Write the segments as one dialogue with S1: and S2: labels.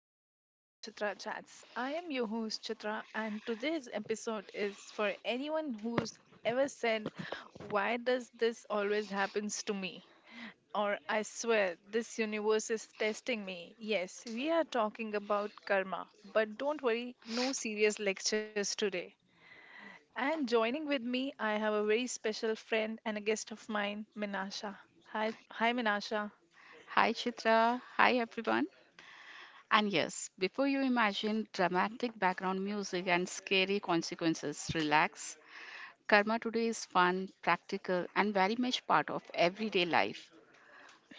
S1: back to the Chitra Chats. I am your host, Chitra, and today's episode is for anyone who's ever said, why does this always happens to me? Or I swear, this universe is testing me. Yes, we are talking about karma, but don't worry, no serious lectures today. And joining with me, I have a very special friend and a guest of mine, Minasha. Hi, Minasha.
S2: Hi Chitra, hi everyone. And yes, before you imagine dramatic background music and scary consequences, relax. Karma today is fun, practical, and very much part of everyday life.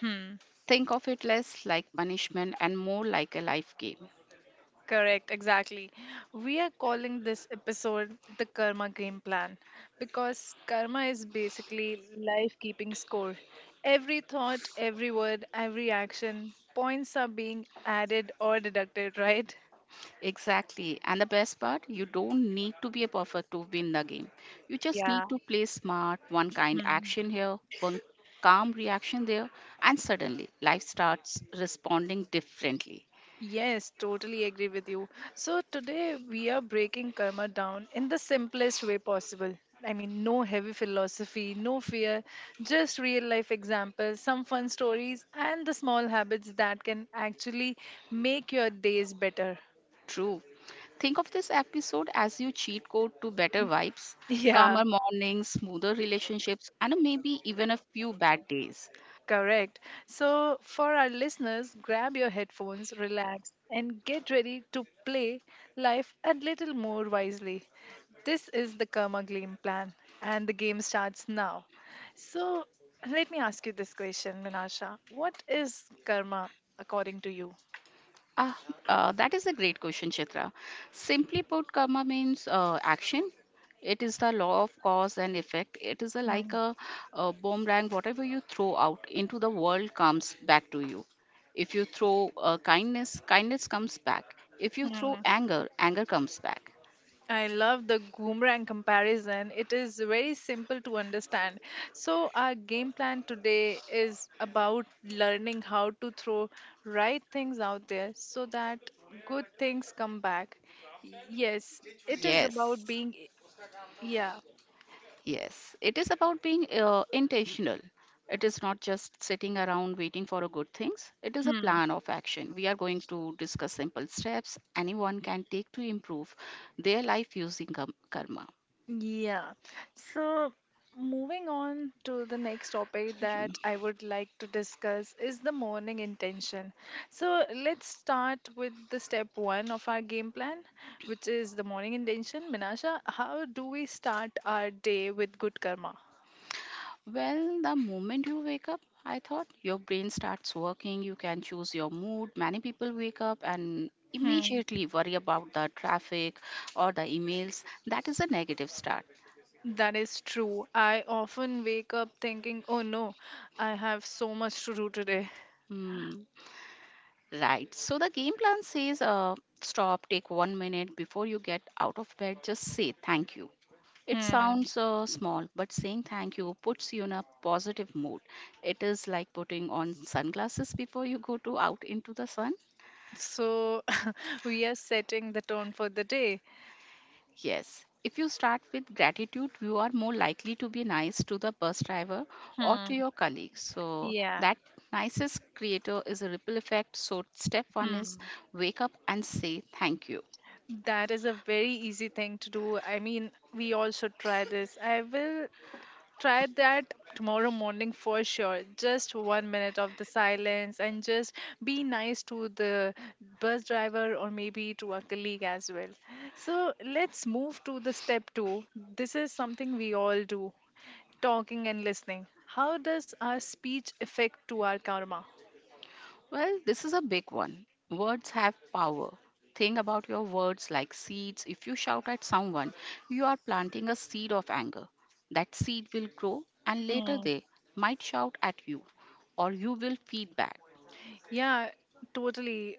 S2: Think of it less like punishment and more like a life game.
S1: Correct, exactly. We are calling this episode the Karma Game Plan because karma is basically life keeping score. Every thought, every word, every action, points are being added or deducted, right?
S2: Exactly. And the best part, you don't need to be a perfect to win the game. You just
S1: Yeah.
S2: need to play smart, one kind
S1: Hmm.
S2: action here, one calm reaction there, and suddenly life starts responding differently.
S1: Yes, totally agree with you. So today we are breaking karma down in the simplest way possible. I mean, no heavy philosophy, no fear, just real life examples, some fun stories, and the small habits that can actually make your days better.
S2: True. Think of this episode as your cheat code to better vibes,
S1: Yeah.
S2: calmer mornings, smoother relationships, and maybe even a few bad days.
S1: Correct. So, for our listeners, grab your headphones, relax, and get ready to play life a little more wisely. This is the Karma Game plan, and the game starts now. So, let me ask you this question, Minasha. What is karma according to you?
S2: Ah, that is a great question, Chitra. Simply put, karma means action. It is the law of cause and effect. It is a,
S1: Hmm,
S2: like a, a boomerang. Whatever you throw out into the world comes back to you. If you throw kindness, kindness comes back. If you throw
S1: hmm.
S2: anger, anger comes back.
S1: I love the Boomerang comparison. It is very simple to understand. So, our game plan today is about learning how to throw right things out there so that good things come back. Yes, it is
S2: Yes.
S1: about being, yeah.
S2: Yes, it is about being intentional. It is not just sitting around waiting for a good things. It is a
S1: hmm.
S2: plan of action. We are going to discuss simple steps anyone can take to improve their life using karma.
S1: yeah. So, moving on to the next topic
S2: Arjun.
S1: that I would like to discuss is the morning intention. So, let's start with the step one of our game plan, which is the morning intention. Minasha, how do we start our day with good karma?
S2: Well, the moment you wake up, I thought your brain starts working. You can choose your mood. Many people wake up and
S1: Hmm.
S2: immediately worry about the traffic or the emails. That is a negative start.
S1: That is true. I often wake up thinking, oh no, I have so much to do today.
S2: Hmm. Right. So the game plan says stop, take 1 minute before you get out of bed, just say thank you. It
S1: Hmm.
S2: sounds small, but saying thank you puts you in a positive mood. It is like putting on sunglasses before you go to out into the sun.
S1: So we are setting the tone for the day.
S2: Yes. If you start with gratitude, you are more likely to be nice to the bus driver or to
S1: Hmm.
S2: your colleagues. So
S1: Yeah.
S2: that nicest creator is a ripple effect. So step one is
S1: Hmm.
S2: wake up and say thank you.
S1: That is a very easy thing to do. I mean, we also try this. I will try that tomorrow morning for sure. Just 1 minute of the silence and just be nice to the bus driver or maybe to a colleague as well. So let's move to the step two. This is something we all do talking and listening. How does our speech affect to our karma?
S2: Well, this is a big one. Words have power. Think about your words like seeds. If you shout at someone, you are planting a seed of anger. That seed will grow, and later
S1: Mm.
S2: they might shout at you, or you will feed back.
S1: Yeah, totally.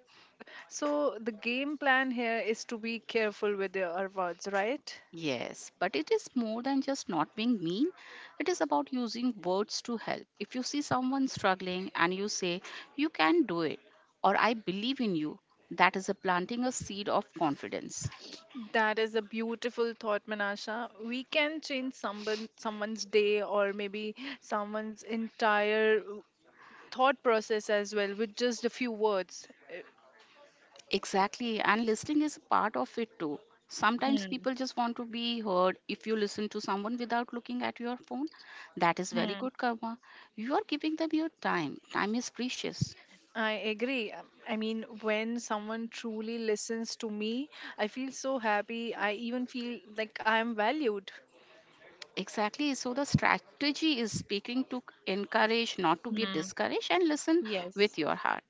S1: So the game plan here is to be careful with your words, right?
S2: Yes, but it is more than just not being mean. It is about using words to help. If you see someone struggling and you say, "You can do it," or "I believe in you," that is a planting a seed of confidence.
S1: That is a beautiful thought, Manasha. We can change someone's day or maybe someone's entire thought process as well with just a few words.
S2: Exactly, and listening is part of it too. Sometimes
S1: Hmm.
S2: people just want to be heard. If you listen to someone without looking at your phone, that is very
S1: hmm.
S2: good karma. You are giving them your time. Time is precious.
S1: I agree. I mean, when someone truly listens to me, I feel so happy. I even feel like I am valued.
S2: Exactly, so the strategy is speaking to encourage, not to be
S1: Hmm.
S2: discouraged, and listen
S1: Yes.
S2: with your heart.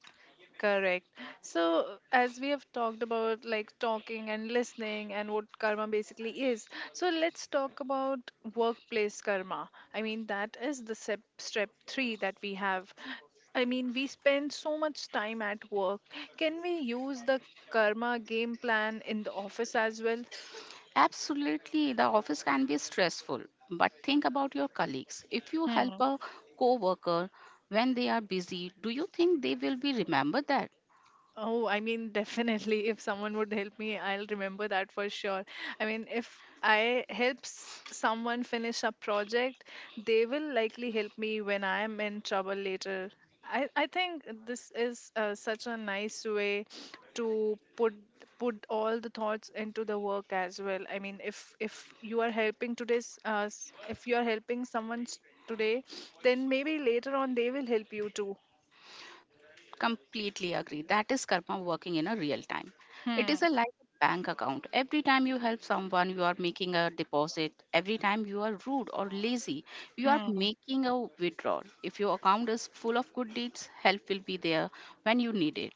S1: Correct. So, as we have talked about like talking and listening and what karma basically is, so let's talk about workplace karma. I mean, that is the step three that we have. I mean, we spend so much time at work. Can we use the karma game plan in the office as well?
S2: Absolutely, the office can be stressful, but think about your colleagues. If you help
S1: Hmm.
S2: a coworker when they are busy, do you think they will be remember that?
S1: Oh, I mean, definitely. If someone would help me, I'll remember that for sure. I mean, if I someone finish a project, they will likely help me when I am in trouble later. I think this is such a nice way to put all the thoughts into the work as well. I mean, if you are helping if you are helping today, then maybe later on they will help you too.
S2: Completely agree. That is karma working in a real time. It is
S1: Hmm.
S2: a like a bank account. Every time you help someone, you are making a deposit. Every time you are rude or lazy, you are
S1: Hmm.
S2: making a withdrawal. If your account is full of good deeds, help will be there when you need it.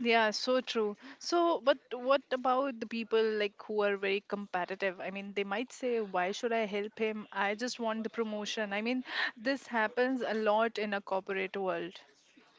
S1: Yeah, so true. So, but what about the people like who are very competitive? I mean, they might say, "Why should I help him? I just want the promotion." I mean, this happens a lot in a corporate world.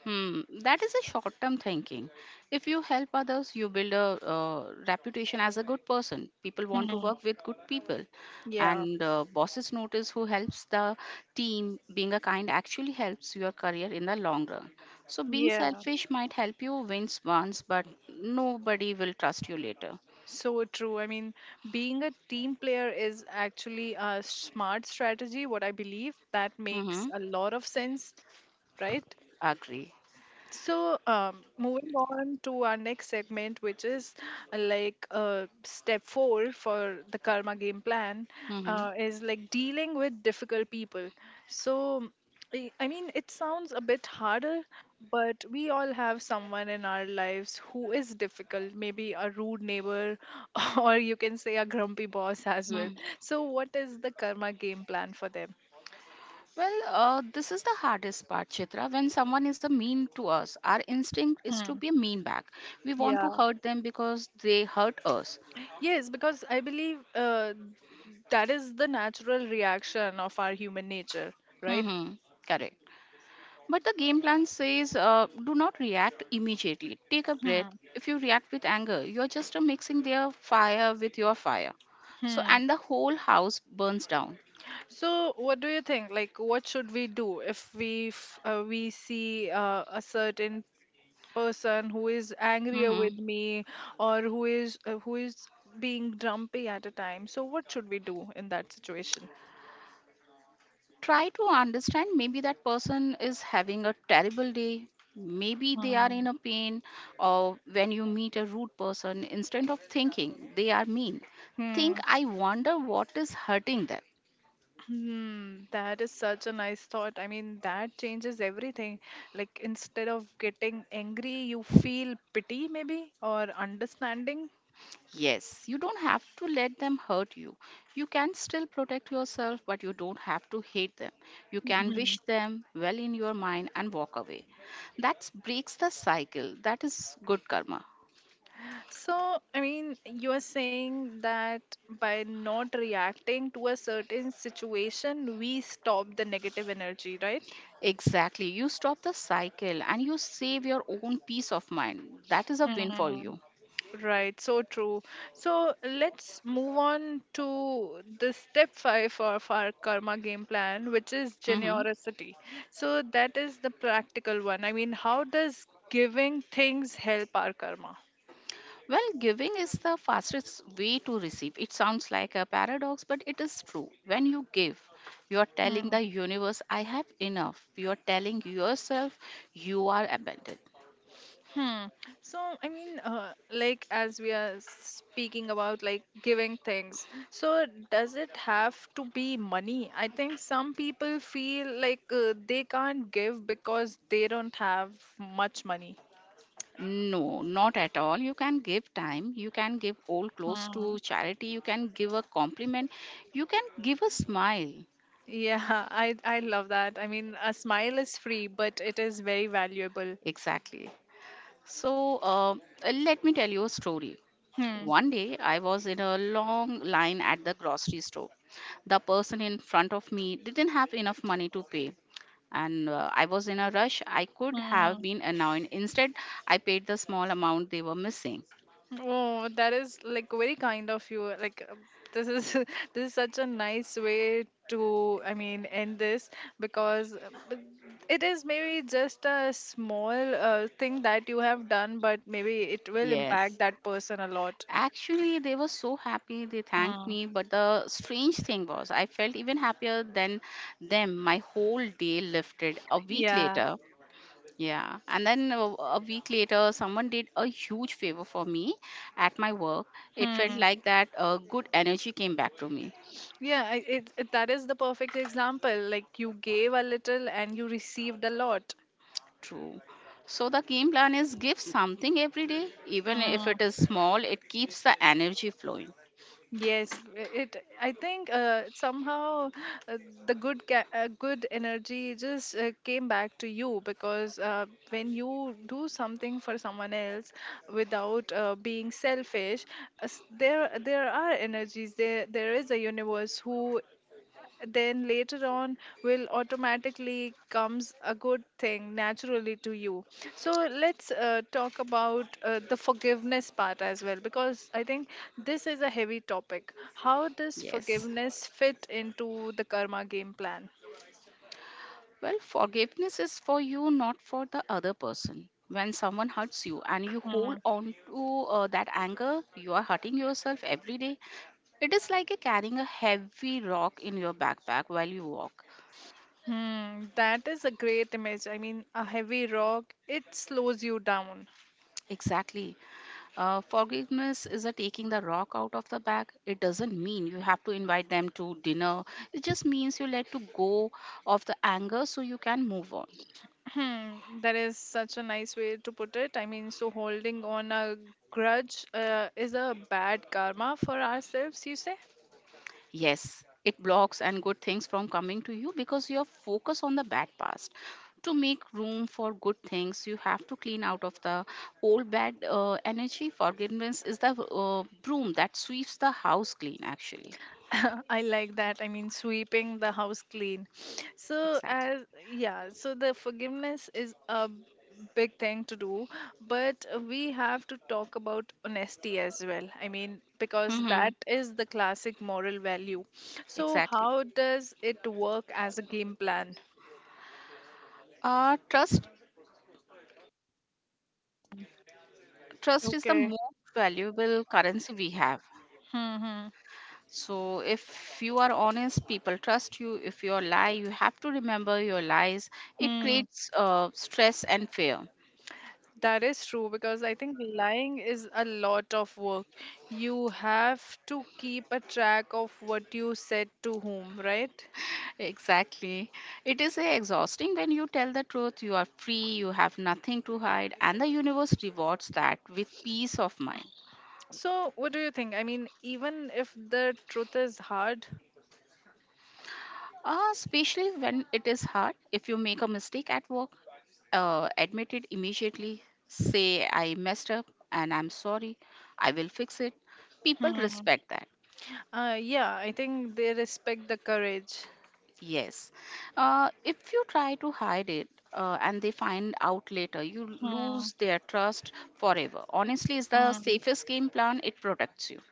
S2: Hmm, that is a short term thinking. If you help others, you build a reputation as a good person. People want to
S1: Hmm.
S2: work with good people,
S1: Yeah.
S2: and bosses notice who helps the team. Being a kind actually helps your career in the long run. So, being
S1: Yeah.
S2: selfish might help you win once, but nobody will trust you later.
S1: So true. I mean, being a team player is actually a smart strategy, what I believe that makes
S2: Mm-hmm.
S1: a lot of sense, right?
S2: Agree.
S1: So, moving on to our next segment, which is step four for the karma game plan,
S2: Mm-hmm.
S1: is like dealing with difficult people. So, I mean, it sounds a bit harder, but we all have someone in our lives who is difficult, maybe a rude neighbor, or you can say a grumpy boss as
S2: Hmm.
S1: well. So, what is the karma game plan for them?
S2: Well, this is the hardest part, Chitra. When someone is a mean to us, our instinct is to
S1: Hmm.
S2: be a mean back. We want
S1: Yeah.
S2: to hurt them because they hurt us.
S1: Yes, because I believe that is the natural reaction of our human nature, right.
S2: Hmm. Correct. But the game plan says do not react immediately. Take a breath.
S1: Hmm.
S2: If you react with anger, you're just mixing their fire with your fire. So,
S1: Hmm.
S2: and the whole house burns down.
S1: So what do you think, like what should we do if we we see a certain person who is angrier
S2: Mm-hmm.
S1: with me or who is being grumpy at a time? So what should we do in that situation?
S2: Try to understand. Maybe that person is having a terrible day. Maybe they are
S1: Hmm.
S2: in a pain. Or when you meet a rude person, instead of thinking they are mean, think,
S1: Hmm.
S2: I wonder what is hurting them.
S1: Hmm, that is such a nice thought. I mean, that changes everything. Like, instead of getting angry, you feel pity, maybe, or understanding.
S2: Yes. You don't have to let them hurt you. You can still protect yourself, but you don't have to hate them. You can wish
S1: Mhm.
S2: them well in your mind and walk away. That breaks the cycle. That is good karma.
S1: So, I mean, you are saying that by not reacting to a certain situation, we stop the negative energy, right?
S2: Exactly. You stop the cycle and you save your own peace of mind. That is a win for
S1: Hmm.
S2: you.
S1: Right, so true. So let's move on to the step five of our karma game plan, which is
S2: Hmm.
S1: generosity. So that is the practical one. I mean, how does giving things help our karma?
S2: Well, giving is the fastest way to receive. It sounds like a paradox, but it is true. When you give, you are telling
S1: Hmm.
S2: the universe, I have enough. You are telling yourself, you are abundant.
S1: Hmm. So, I mean, like as we are speaking about like giving things, so does it have to be money? I think some people feel like they can't give because they don't have much money.
S2: No, not at all. You can give time, you can give old clothes
S1: Mm.
S2: to charity, you can give a compliment, you can give a smile.
S1: Yeah, I love that. I mean, a smile is free, but it is very valuable.
S2: Exactly. So let me tell you a story.
S1: Hmm.
S2: One day I was in a long line at the grocery store. The person in front of me didn't have enough money to pay, and I was in a rush. I could
S1: Hmm.
S2: have been annoyed. Instead, I paid the small amount they were missing.
S1: Oh, that is like very kind of you. Like this is this is such a nice way to, I mean, end this because it is maybe just a small thing that you have done, but maybe it will impact
S2: Yes.
S1: that person a lot.
S2: Actually, they were so happy they thanked
S1: Hmm.
S2: me, but the strange thing was, I felt even happier than them. My whole day lifted. A week
S1: Yeah.
S2: later, yeah, and then a week later, someone did a huge favor for me at my work. It felt
S1: Hmm.
S2: like that good energy came back to me.
S1: Yeah, I- it that is the perfect example. Like you gave a little and you received a lot.
S2: True. So the game plan is give something every day, even if
S1: Mm.
S2: it is small, it keeps the energy flowing.
S1: Yes, it. I think somehow uh, the good energy just came back to you because when you do something for someone else without being selfish, there are energies. There is a universe who then later on will automatically comes a good thing naturally to you. So let's talk about the forgiveness part as well, because I think this is a heavy topic. How does
S2: Yes.
S1: forgiveness fit into the karma game plan?
S2: Well, forgiveness is for you, not for the other person. When someone hurts you and you hold
S1: Hmm.
S2: on to that anger, you are hurting yourself every day. It is like a carrying a heavy rock in your backpack while you walk.
S1: Hmm. That is a great image. I mean, a heavy rock, it slows you down.
S2: Exactly. Forgiveness is a taking the rock out of the bag. It doesn't mean you have to invite them to dinner. It just means you let to go of the anger so you can move on.
S1: Hmm, that is such a nice way to put it. I mean, so holding on a grudge is a bad karma for ourselves, you say?
S2: Yes, it blocks and good things from coming to you because you're focused on the bad past. To make room for good things, you have to clean out of the old bad energy. Forgiveness is the broom that sweeps the house clean, actually.
S1: I like that. I mean, sweeping the house clean. So,
S2: Exactly.
S1: as yeah, so the forgiveness is a big thing to do, but we have to talk about honesty as well. I mean, because
S2: Mm-hmm.
S1: that is the classic moral value. So,
S2: Exactly.
S1: how does it work as a game plan?
S2: Uh, trust Trust is the
S1: Okay.
S2: most valuable currency we have.
S1: Hmm.
S2: So if you are honest, people trust you. If you are lie, you have to remember your lies. It
S1: Hmm.
S2: creates stress and fear.
S1: That is true because I think lying is a lot of work. You have to keep a track of what you said to whom, right?
S2: Exactly. It is exhausting when you tell the truth. You are free. You have nothing to hide, and the universe rewards that with peace of mind.
S1: So, what do you think? I mean, even if the truth is hard,
S2: Especially when it is hard. If you make a mistake at work, admit it immediately, say, I messed up and I'm sorry, I will fix it. People
S1: hmm.
S2: respect that.
S1: Yeah, I think they respect the courage.
S2: Yes. If you try to hide it and they find out later, you
S1: Hmm.
S2: lose their trust forever. Honestly, it's the safest game plan, it protects you.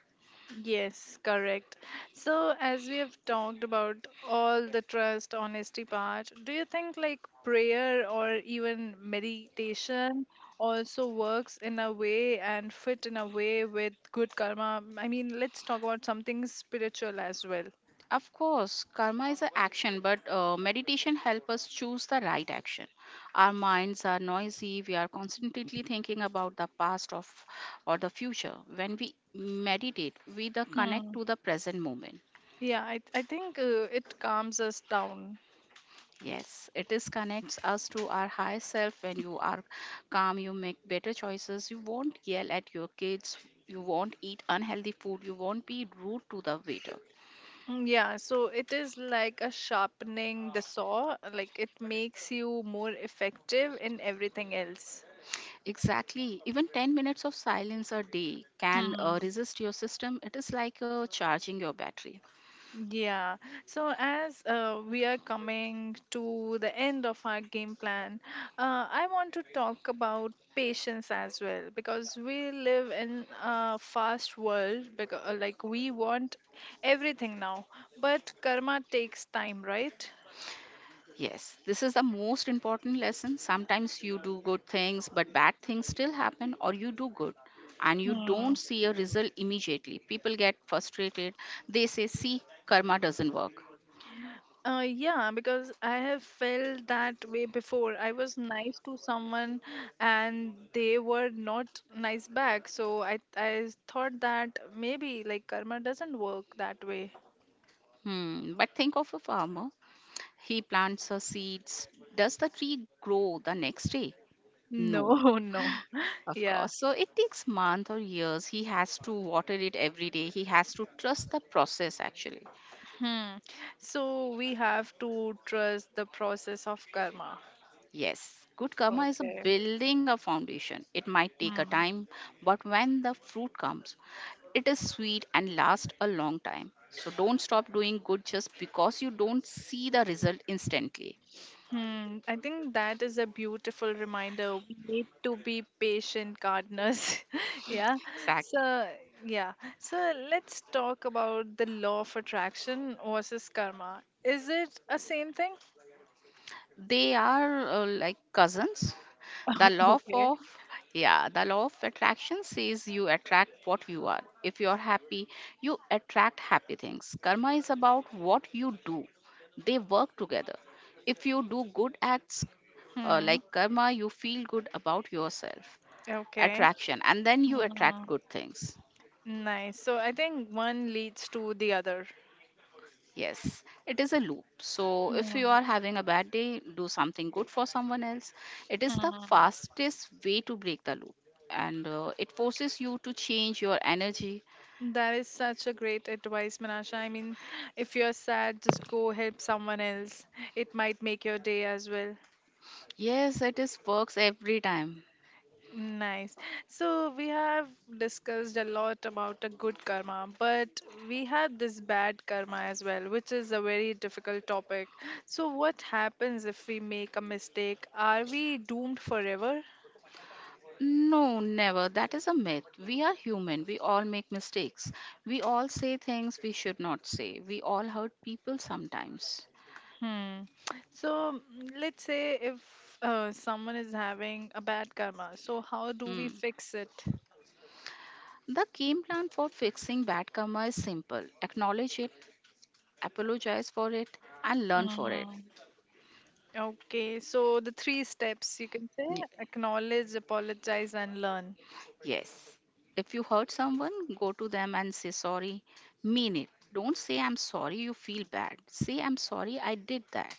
S1: Yes, correct. So, as we have talked about all the trust, honesty part, do you think like prayer or even meditation also works in a way and fit in a way with good karma? I mean, let's talk about something spiritual as well.
S2: Of course, karma is an action, but meditation helps us choose the right action. Our minds are noisy, we are constantly thinking about the past of, or the future. When we meditate, we the connect
S1: Hmm.
S2: to the present moment.
S1: Yeah, I think it calms us down.
S2: Yes, it is connects us to our higher self. When you are calm, you make better choices. You won't yell at your kids. You won't eat unhealthy food. You won't be rude to the waiter.
S1: Mm, yeah, so it is like a sharpening the saw, like it makes you more effective in everything else.
S2: Exactly. Even 10 minutes of silence a day can
S1: Hmm.
S2: resist your system. It is like charging your battery.
S1: Yeah, so as we are coming to the end of our game plan, I want to talk about patience as well because we live in a fast world, because like we want everything now, but karma takes time, right?
S2: Yes, this is the most important lesson. Sometimes you do good things, but bad things still happen, or you do good and you don't see a result immediately. People get frustrated. They say, See, karma doesn't work.
S1: Yeah, because I have felt that way before. I was nice to someone and they were not nice back. So I thought that maybe like karma doesn't work that way.
S2: Hmm. But think of a farmer. He plants her seeds. Does the tree grow the next day?
S1: No,
S2: No.
S1: no.
S2: Of
S1: Yeah.
S2: course. So it takes months or years. He has to water it every day. He has to trust the process actually.
S1: Hmm. So we have to trust the process of karma.
S2: Yes. Good karma is a
S1: Okay.
S2: building a foundation. It might take a
S1: Hmm.
S2: time, but when the fruit comes, it is sweet and lasts a long time. So don't stop doing good just because you don't see the result instantly.
S1: Hmm, I think that is a beautiful reminder. We need to be patient gardeners. Yeah.
S2: Exactly.
S1: So, yeah. So, let's talk about the law of attraction versus karma. Is it a same thing?
S2: They are like cousins. The law
S1: Okay.
S2: of yeah, the law of attraction says you attract what you are. If you're happy, you attract happy things. Karma is about what you do. They work together. If you do good acts
S1: Hmm.
S2: like karma, you feel good about yourself.
S1: Okay.
S2: Attraction, and then you
S1: Hmm.
S2: attract good things.
S1: Nice. So, I think one leads to the other.
S2: Yes, it is a loop. So, if you
S1: Hmm.
S2: are having a bad day, do something good for someone else. It is the
S1: Hmm.
S2: fastest way to break the loop and it forces you to change your energy.
S1: That is such a great advice, Manasha. I mean, if you're sad, just go help someone else. It might make your day as well.
S2: Yes, it is works every time.
S1: Nice. So we have discussed a lot about a good karma, but we had this bad karma as well, which is a very difficult topic. So what happens if we make a mistake? Are we doomed forever?
S2: No, never. That is a myth. We are human. We all make mistakes. We all say things we should not say. We all hurt people sometimes.
S1: Hmm. Let's say if someone is having a bad karma, so how do
S2: Hmm.
S1: we fix it?
S2: The game plan for fixing bad karma is simple: acknowledge it, apologize for it, and learn for it.
S1: Mm, Okay, so the three steps you can say,
S2: Y-
S1: acknowledge, apologize, and learn.
S2: Yes. If you hurt someone, go to them and say sorry. Mean it. Don't say I'm sorry, you feel bad. Say I'm sorry, I did that.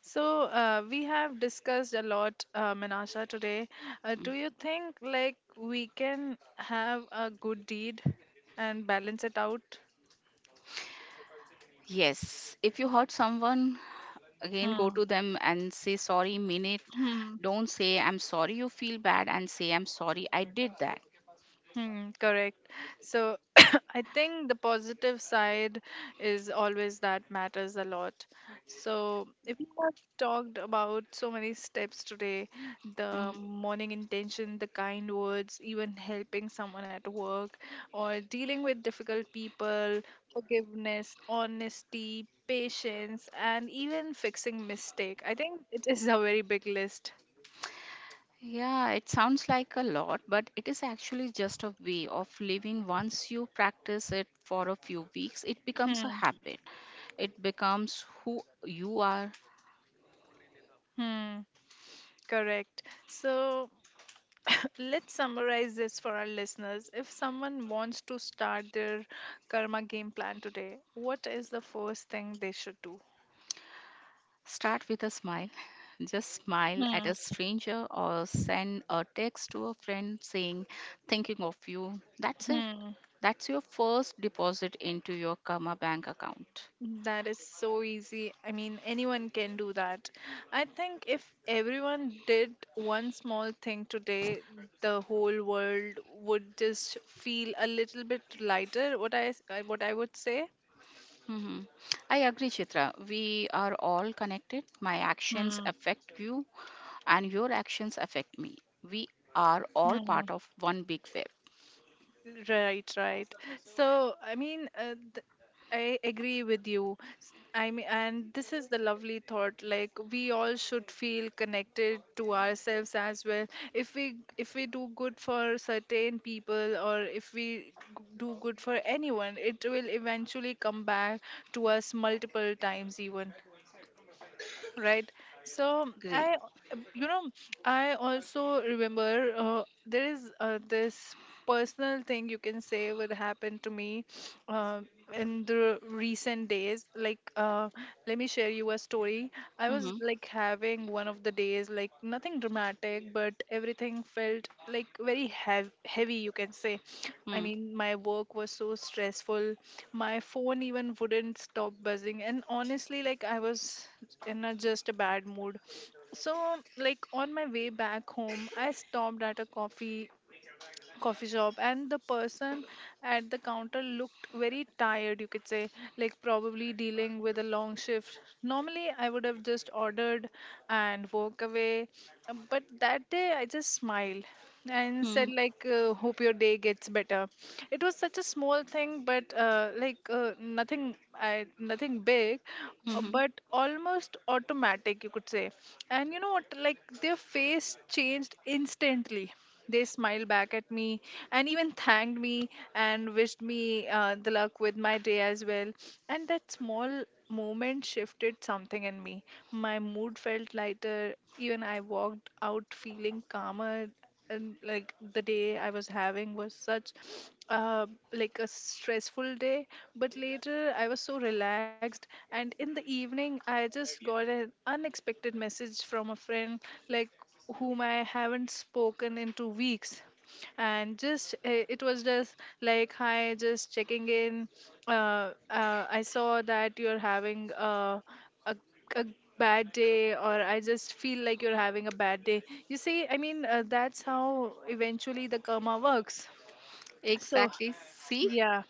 S1: So we have discussed a lot, Menasha, today. Do you think like we can have a good deed and balance it out?
S2: Yes. If you hurt someone, again go
S1: Hmm.
S2: to them and say sorry, mean it.
S1: Hmm.
S2: Don't say I'm sorry, you feel bad, and say I'm sorry, I did that.
S1: Hmm, correct. So I think the positive side is always that matters a lot. So if we have talked about so many steps today, the
S2: Mm.
S1: morning intention, the kind words, even helping someone at work or dealing with difficult people, forgiveness, honesty, patience, and even fixing mistake. I think it is a very big list.
S2: Yeah, it sounds like a lot, but it is actually just a way of living. Once you practice it for a few weeks, it becomes a
S1: Hmm,
S2: habit. It becomes who you are.
S1: hmm, correct. So let's summarize this for our listeners. If someone wants to start their karma game plan today, what is the first thing they should do?
S2: Start with a smile. Just smile at
S1: Hmm,
S2: a stranger or send a text to a friend saying, thinking of you. That's it.
S1: hmm.
S2: That's your first deposit into your Karma Bank account.
S1: That is so easy. I mean, anyone can do that. I think if everyone did one small thing today, the whole world would just feel a little bit lighter. What I would say.
S2: hmm I agree, Chitra. We are all connected. My actions
S1: Hmm,
S2: affect you, and your actions affect me. We are all
S1: hmm.
S2: part of one big web.
S1: Right, right. So, I mean, uh, th- I agree with you. I mean, and this is the lovely thought. Like we all should feel connected to ourselves as well. If we do good for certain people, or if we do good for anyone, it will eventually come back to us multiple times even, right. so
S2: Great.
S1: i uh, you know I also remember there is this personal thing, you can say, would happen to me uh, in the recent days, like let me share you a story. I was
S2: Hmm.
S1: like having one of the days, like nothing dramatic, but everything felt like very heavy, you can say. I
S2: Hmm.
S1: mean, my work was so stressful, my phone even wouldn't stop buzzing, and honestly, like, I was in a just a bad mood. So like on my way back home, I stopped at a coffee shop, and the person at the counter looked very tired, you could say, like probably dealing with a long shift. Normally I would have just ordered and walk away, but that day I just smiled and said,
S2: Hmm.
S1: like, hope your day gets better. It was such a small thing, but nothing big,
S2: Hmm.
S1: but almost automatic, you could say. And you know what, like, their face changed instantly. They smiled back at me and even thanked me and wished me the luck with my day as well. And that small moment shifted something in me. My mood felt lighter. Even I walked out feeling calmer. And like the day I was having was such uh, like a stressful day. But later I was so relaxed. And in the evening, I just got an unexpected message from a friend, like, whom I haven't spoken in 2 weeks. And just it was just like, hi, just checking in. I saw that you're having a, a bad day, or I just feel like you're having a bad day. You see, I mean, that's how eventually the karma works. So,
S2: Exactly. See?
S1: yeah.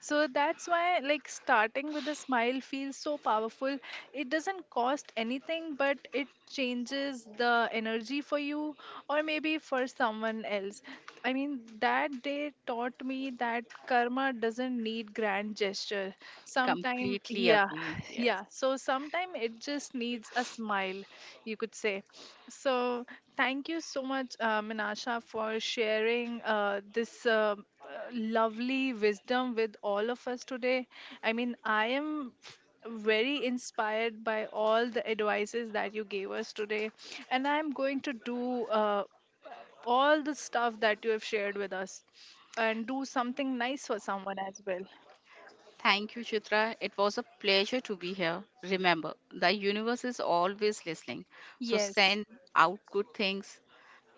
S1: So that's why, like, starting with a smile feels so powerful. It doesn't cost anything, but it changes the energy for you or maybe for someone else. I mean, that day taught me that karma doesn't need grand gesture. Sometime,
S2: Completely
S1: yeah,
S2: agree. Yes.
S1: yeah. So sometime it just needs a smile, you could say. So thank you so much, Minasha, for sharing this uh, lovely wisdom with all of us today. I mean, I am very inspired by all the advices that you gave us today, and I'm going to do all the stuff that you have shared with us and do something nice for someone as well.
S2: Thank you, Chitra. It was a pleasure to be here. Remember, the universe is always listening. So
S1: Yes.
S2: send out good things.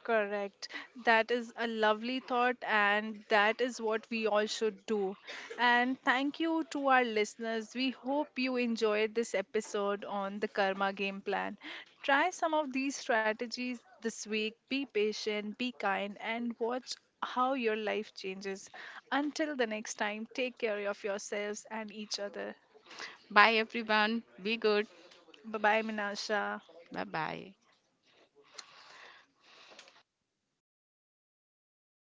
S1: Correct. That is a lovely thought, and that is what we all should do. And thank you to our listeners. We hope you enjoyed this episode on the Karma Game Plan. Try some of these strategies this week. Be patient, be kind, and watch how your life changes. Until the next time, take care of yourselves and each other.
S2: Bye, everyone. Be good.
S1: Bye bye, Minasha.
S2: Bye bye.